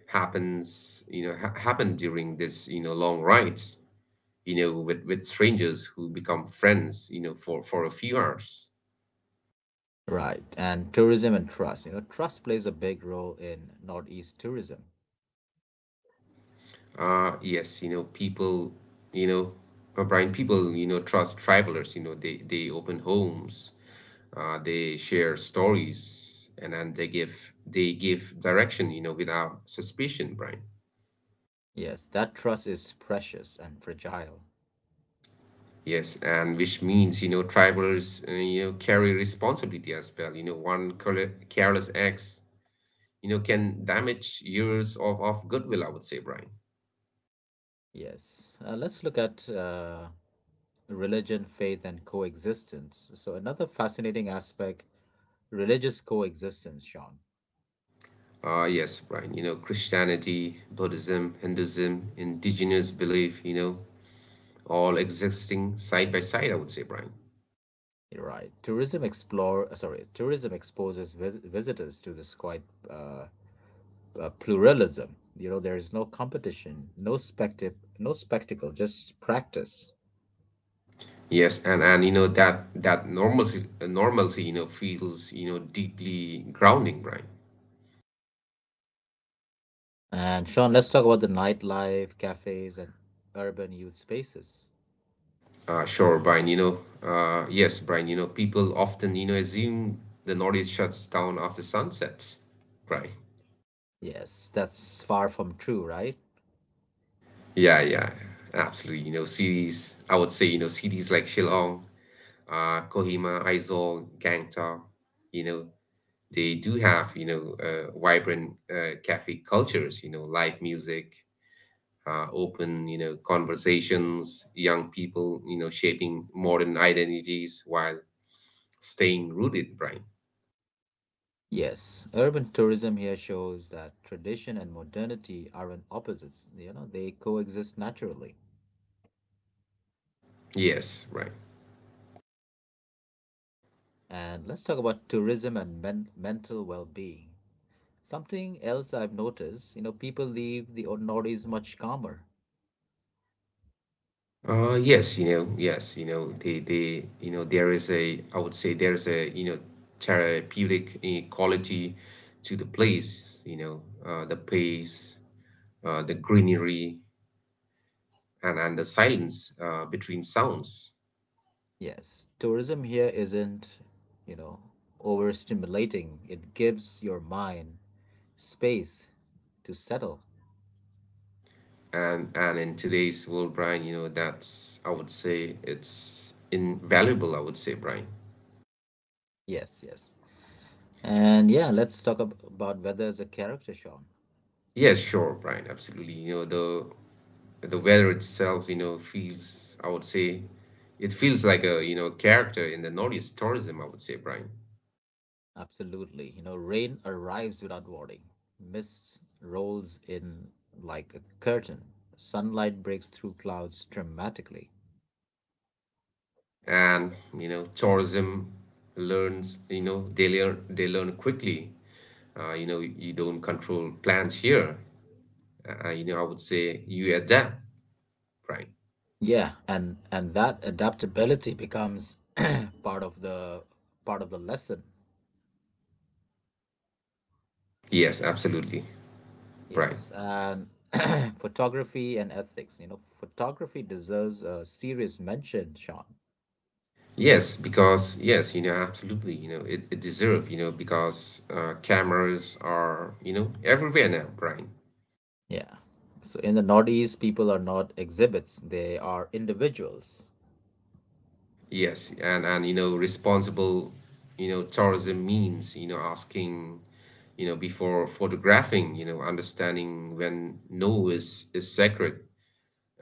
happen during this, you know, long rides, you know, with strangers who become friends, you know, for a few hours. Right. And tourism and trust. You know, trust plays a big role in Northeast tourism. Uh, yes, you know, you know Brian, people, you know, trust travelers. You know, they open homes, they share stories, and then they give direction. You know, without suspicion, Brian. Yes, that trust is precious and fragile. Yes, and which means, you know, travelers, you know, carry responsibility as well. You know, one careless acts, you know, can damage years of, goodwill, I would say, Brian. Yes. Let's look at religion, faith, and coexistence. So, another fascinating aspect religious coexistence, Sean. Yes, Brian, you know, Christianity, Buddhism, Hinduism, indigenous belief, you know, all existing side by side, I would say, Brian. You're right. Tourism exposes visitors to this quite uh, pluralism. You know, there is no competition, no spectacle, just practice. Yes, and you know, that normalcy, you know, feels, you know, deeply grounding, Brian. And Sean, let's talk about the nightlife, cafes, and urban youth spaces. Sure, Brian. You know, yes, Brian. You know, people often, you know, assume the Nordics shuts down after sunsets, right? Yes, that's far from true, right? Yeah, yeah, absolutely. You know, cities, I would say, you know, cities like Shillong, Kohima, Aizawl, Gangtok, you know, they do have, you know, vibrant cafe cultures, you know, live music, open, you know, conversations, young people, you know, shaping modern identities while staying rooted, Brian. Yes, urban tourism here shows that tradition and modernity aren't opposites. You know, they coexist naturally. Yes, right. And let's talk about tourism and mental well being. Something else I've noticed, you know, people leave the ordinaries much calmer. Yes, you know, they, you know, there is a, I would say, there's a, you know, therapeutic quality to the place, you know, the pace, the greenery, and the silence, between sounds. Yes, tourism here isn't, you know, overstimulating. It gives your mind space to settle. And in today's world, Brian, you know, that's, I would say, it's invaluable, I would say, Brian. Yes, yes. And yeah, let's talk about weather as a character, Sean. Yes, sure, Brian, absolutely. You know, the weather itself, you know, feels, I would say, it feels like a, you know, character in the Northeast tourism, I would say, Brian. Absolutely. You know, rain arrives without warning. Mist rolls in like a curtain. Sunlight breaks through clouds dramatically. And, you know, tourism learns, you know, they learn quickly. You know, you don't control plans here. You know, I would say, you adapt, Brian. Yeah, and that adaptability becomes part of the part of the lesson. Yes, absolutely, Brian. Yes, and photography and ethics. You know, photography deserves a serious mention, Sean. Yes, because, yes, you know, absolutely, you know, it deserve, you know, because cameras are, you know, everywhere now, Brian. Yeah. So in the Northeast, people are not exhibits, they are individuals. Yes, and you know, responsible, you know, tourism means, you know, asking, you know, before photographing, you know, understanding when no is sacred,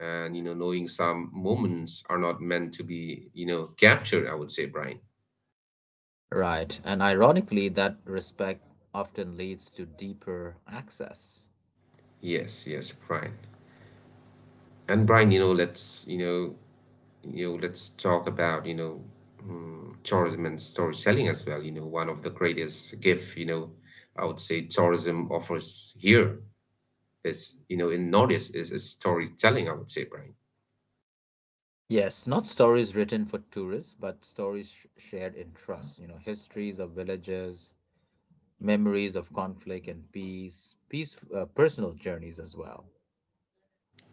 and you know, knowing some moments are not meant to be, you know, captured, I would say, Brian. Right. And ironically, that respect often leads to deeper access. Yes, yes, Brian. And Brian, you know, let's, you know, let's talk about, tourism and storytelling as well. You know, one of the greatest gift, you know, I would say, tourism offers here. It's, you know, in knowledge is, storytelling, I would say, Brian. Yes, not stories written for tourists, but stories shared in trust. You know, histories of villages, memories of conflict and peace, personal journeys as well.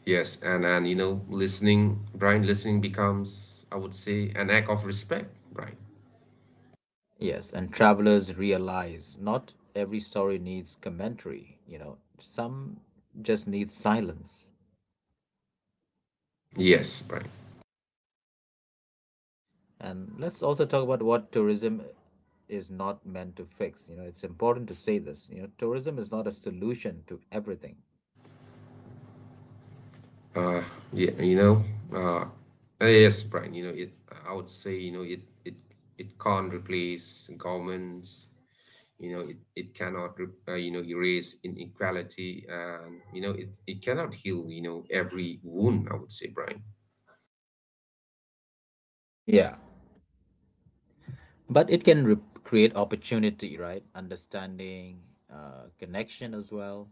Yes, and you know, listening, Brian, listening becomes, I would say, an act of respect, Brian. Yes, and travelers realize not every story needs commentary, you know, some just need silence. Yes, Brian. And let's also talk about what tourism is not meant to fix. You know, it's important to say this. You know, tourism is not a solution to everything. Yeah, you know, uh, yes, Brian. You know, it. I would say, you know, It can't replace governments. You know, It cannot, you know, erase inequality, and you know, It cannot heal, you know, every wound, I would say, Brian. Yeah. But it can create opportunity, right? Understanding, connection as well.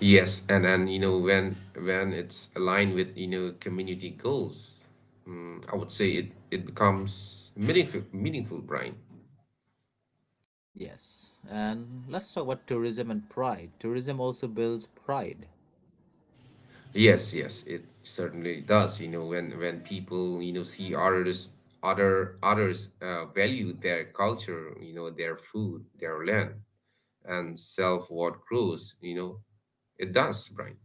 Yes, and then you know, when it's aligned with, you know, community goals, mm, I would say, it becomes meaningful, Brian. Yes. And let's talk about tourism and pride. Tourism also builds pride. Yes, yes, it certainly does. You know, when people, you know, see others, value their culture, you know, their food, their land, and self what grows. You know, it does, Brian.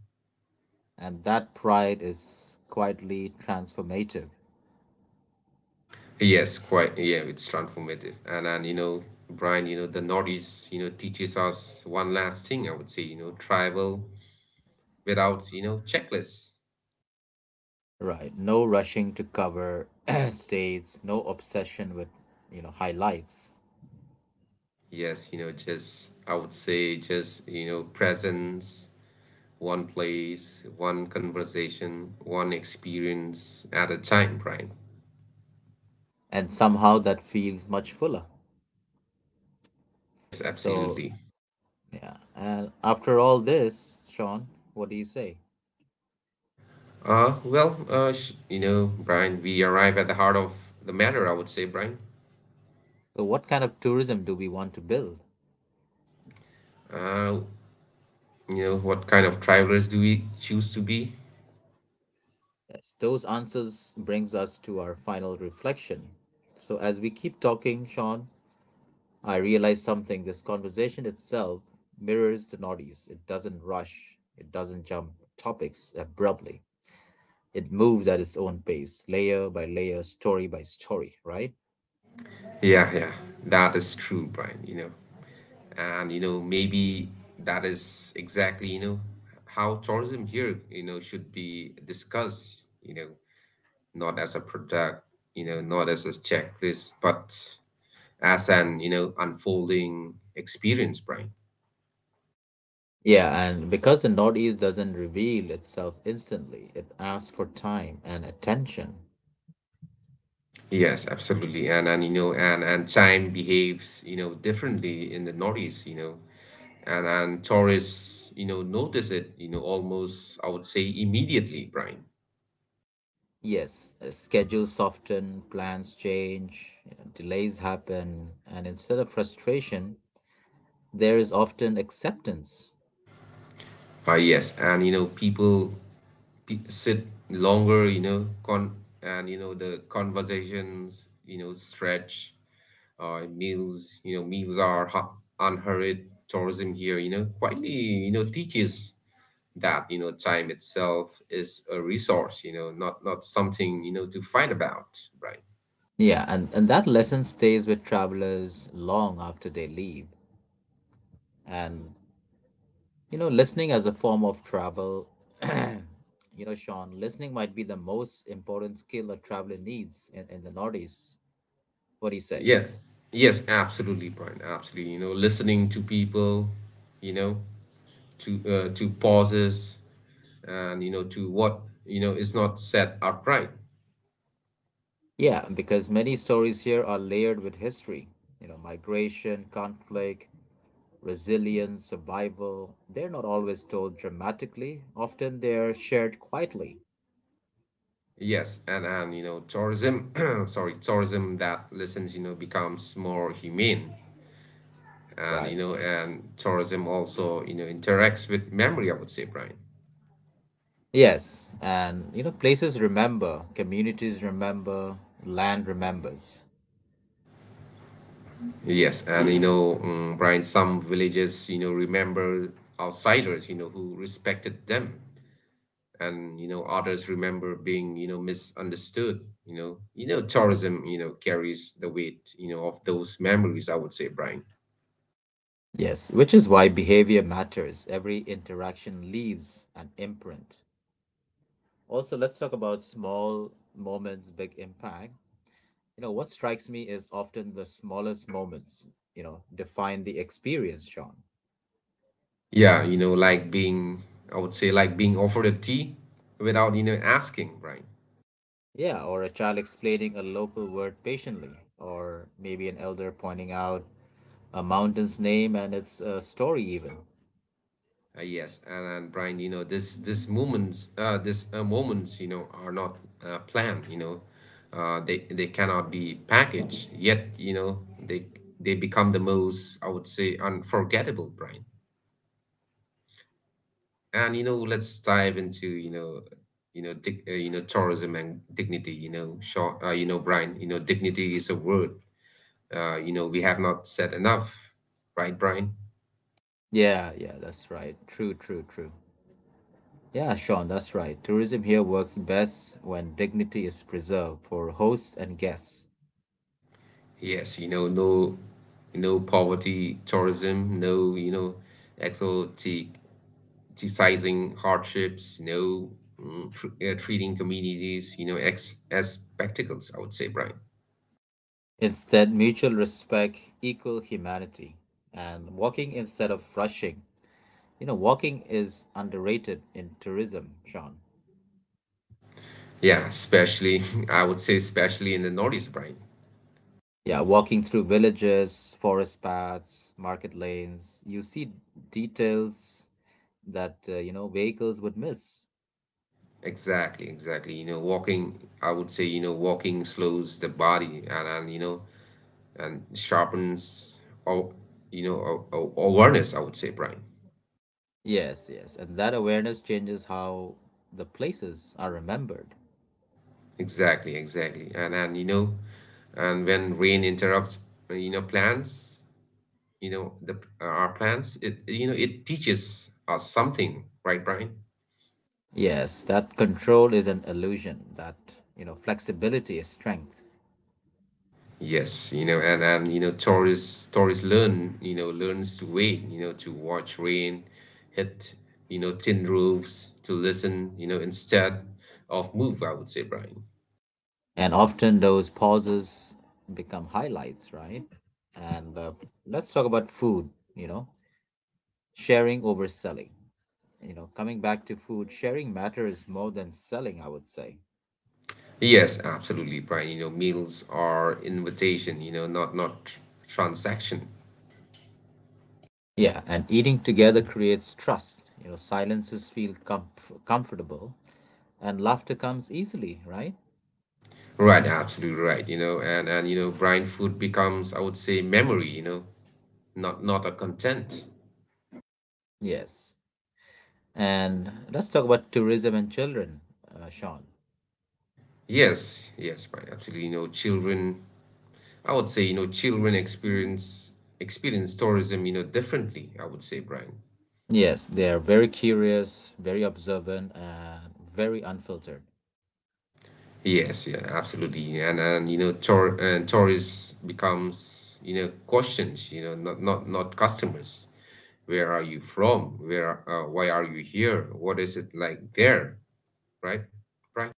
And that pride is quietly transformative, Yes, quite. Yeah, it's transformative. And you know, Brian, you know, the Nordics, you know, teaches us one last thing, I would say, you know, travel without, you know, checklists. right? No rushing to cover states, no obsession with, you know, highlights. Yes, just I would say just, presence, one place, one conversation, one experience at a time, Brian. And somehow that feels much fuller. Yes, So, absolutely. yeah. And after all this, Sean, what do you say? Well, Brian, we arrive at the heart of the matter, I would say, Brian. So what kind of tourism do we want to build? Uh, what kind of travelers do we choose to be? Yes, those answers brings us to our final reflection. So as we keep talking, Sean, I realized something this conversation itself mirrors the Nordies. It doesn't rush, it doesn't jump topics abruptly. It moves at its own pace, layer by layer, story by story, right? Yeah, yeah, that is true, Brian, you know. And, you know, maybe that is exactly how tourism here should be discussed, not as a product, not as a checklist, but as an unfolding experience, Brian. Yeah, and because the Northeast doesn't reveal itself instantly, it asks for time and attention. Yes, absolutely. And time behaves differently in the Northeast, and tourists notice it, almost, I would say immediately, Brian. Yes, schedules soften, plans change, you know, delays happen, and instead of frustration, there is often acceptance. Yes, and you know, people sit longer, you know, con and you know the conversations stretch. Meals are unhurried. Tourism here quietly teaches that you know time itself is a resource, you know, not something you know to fight about, right? Yeah, and that lesson stays with travelers long after they leave. And, you know, listening as a form of travel, you know, Sean, listening might be the most important skill a traveler needs in the Northeast. What do you say? Yeah. Yes, absolutely, Brian. Absolutely. You know, listening to people, you know, to pauses, and you know to what you know is not set upright. Yeah, because many stories here are layered with history, you know, migration, conflict, resilience, survival. They're not always told dramatically, often they're shared quietly. Yes, and you know tourism sorry, tourism that listens you know becomes more humane, and you Right. know and tourism also you know interacts with memory, I would say, Brian. Yes, and you know, places remember, communities remember, land remembers. Yes, and you know, Brian, some villages you know remember outsiders you know who respected them, and you know others remember being you know misunderstood. You know, you know, tourism you know carries the weight you know of those memories, I would say, Brian. Yes, which is why behavior matters. Every interaction leaves an imprint. Also, let's talk about small moments, big impact. You know, what strikes me is often the smallest moments, you know, define the experience, Sean. Yeah, you know, like being, I would say, like being offered a tea without asking, Brian. Yeah, or a child explaining a local word patiently, or maybe an elder pointing out a mountain's name and its story, even. And Brian, you know, this moments, you know, are not planned. You know, they cannot be packaged. Yet, you know, they become the most, I would say, unforgettable, Brian. And you know, let's dive into, you know, dig, you know, tourism and dignity. Brian, you know, dignity is a word you know, we have not said enough, right, Brian? Yeah, yeah, that's right. True, true, true. Yeah, Sean, that's right. Tourism here works best when dignity is preserved for hosts and guests. Yes, you know, no, no poverty tourism, no, you know, exoticizing hardships, no mm, tr treating communities, you know, ex as spectacles, I would say, Brian. Instead, mutual respect, equal humanity, and walking instead of rushing. You know, walking is underrated in tourism, Sean. Yeah, especially, I would say, especially in the Northeast, Brian. Yeah, walking through villages, forest paths, market lanes, you see details that, you know, vehicles would miss. Exactly, exactly. You know, walking, I would say, you know, walking slows the body and you know, and sharpens our you know our awareness, I would say, Brian. Yes, yes. And that awareness changes how the places are remembered. Exactly, exactly. And you know and when rain interrupts you know plans you know the our plans, it you know it teaches us something, right, Brian? Yes, that control is an illusion, that, you know, flexibility is strength. Yes, you know, and you know tourists learn you know learns to wait, you know, to watch rain hit you know tin roofs, to listen you know instead of move, I would say, Brian. And often those pauses become highlights, right? And let's talk about food, you know, sharing over selling. You know, coming back to food, sharing matters more than selling, I would say. Yes, absolutely, Brian. You know, meals are invitation, you know, not transaction. Yeah, and eating together creates trust. You know, silences feel comfortable and laughter comes easily, right? Right, absolutely right. You know, and you know, Brian, food becomes, I would say, memory. You know, not a content. Yes. And let's talk about tourism and children, Sean. Yes, yes, Brian, absolutely. You know, children, I would say, you know, children experience tourism, you know, differently. I would say, Brian. Yes, they are very curious, very observant, and very unfiltered. Yes, yeah, absolutely. And you know, tourists becomes, you know, questions. You know, not customers. Where are you from? Why are you here? What is it like there? Right? Right?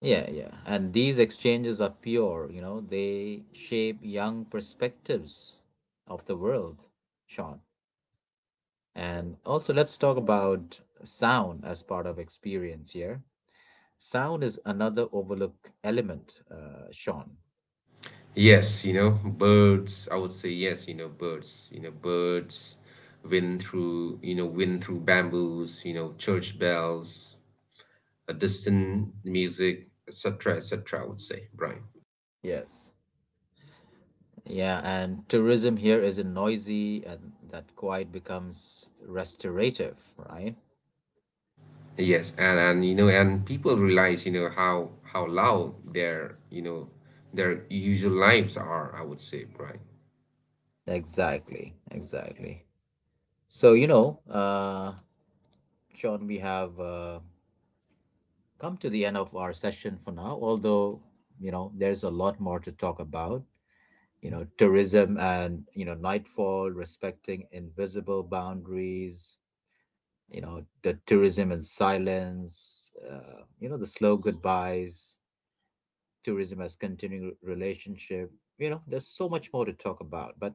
Yeah, yeah. And these exchanges are pure, you know, they shape young perspectives of the world, Sean. And also, let's talk about sound as part of experience here. Sound is another overlooked element, Sean. Yes, you know, birds. I would say yes, you know, birds. You know, birds. Wind through bamboos. You know, church bells, a distant music, etc., etc. I would say, Brian. Yes. Yeah, and tourism here isn't noisy, and that quiet becomes restorative, right? Yes, and you know, and people realize, you know, how loud their, you know, their usual lives are. I would say, Brian. Exactly, exactly. So, you know, Sean, we have come to the end of our session for now, although, you know, there's a lot more to talk about. You know, tourism and, you know, nightfall, respecting invisible boundaries, you know, the tourism and silence, you know, the slow goodbyes tourism as continuing relationship. You know, there's so much more to talk about, but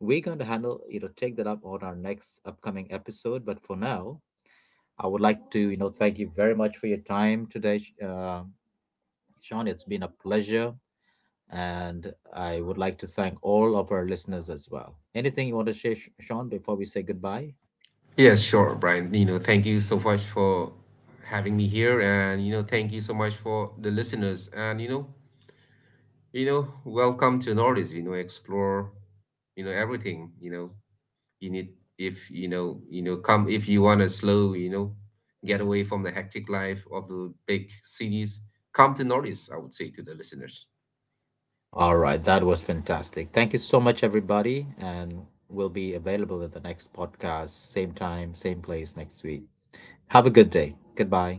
we're going to handle, you know, take that up on our next upcoming episode. But for now, I would like to, you know, thank you very much for your time today, Sean. It's been a pleasure. And I would like to thank all of our listeners as well. Anything you want to share, Sean, before we say goodbye? Yes, sure, Brian. You know, thank you so much for having me here, and you know, thank you so much for the listeners, and you know, welcome to Nordics. You know, explore, you know, everything. You know, you need if you know, you know, come if you want to slow, you know, get away from the hectic life of the big cities. Come to Nordics, I would say to the listeners. All right, that was fantastic. Thank you so much, everybody. And we'll be available in the next podcast, same time, same place next week. Have a good day. Goodbye.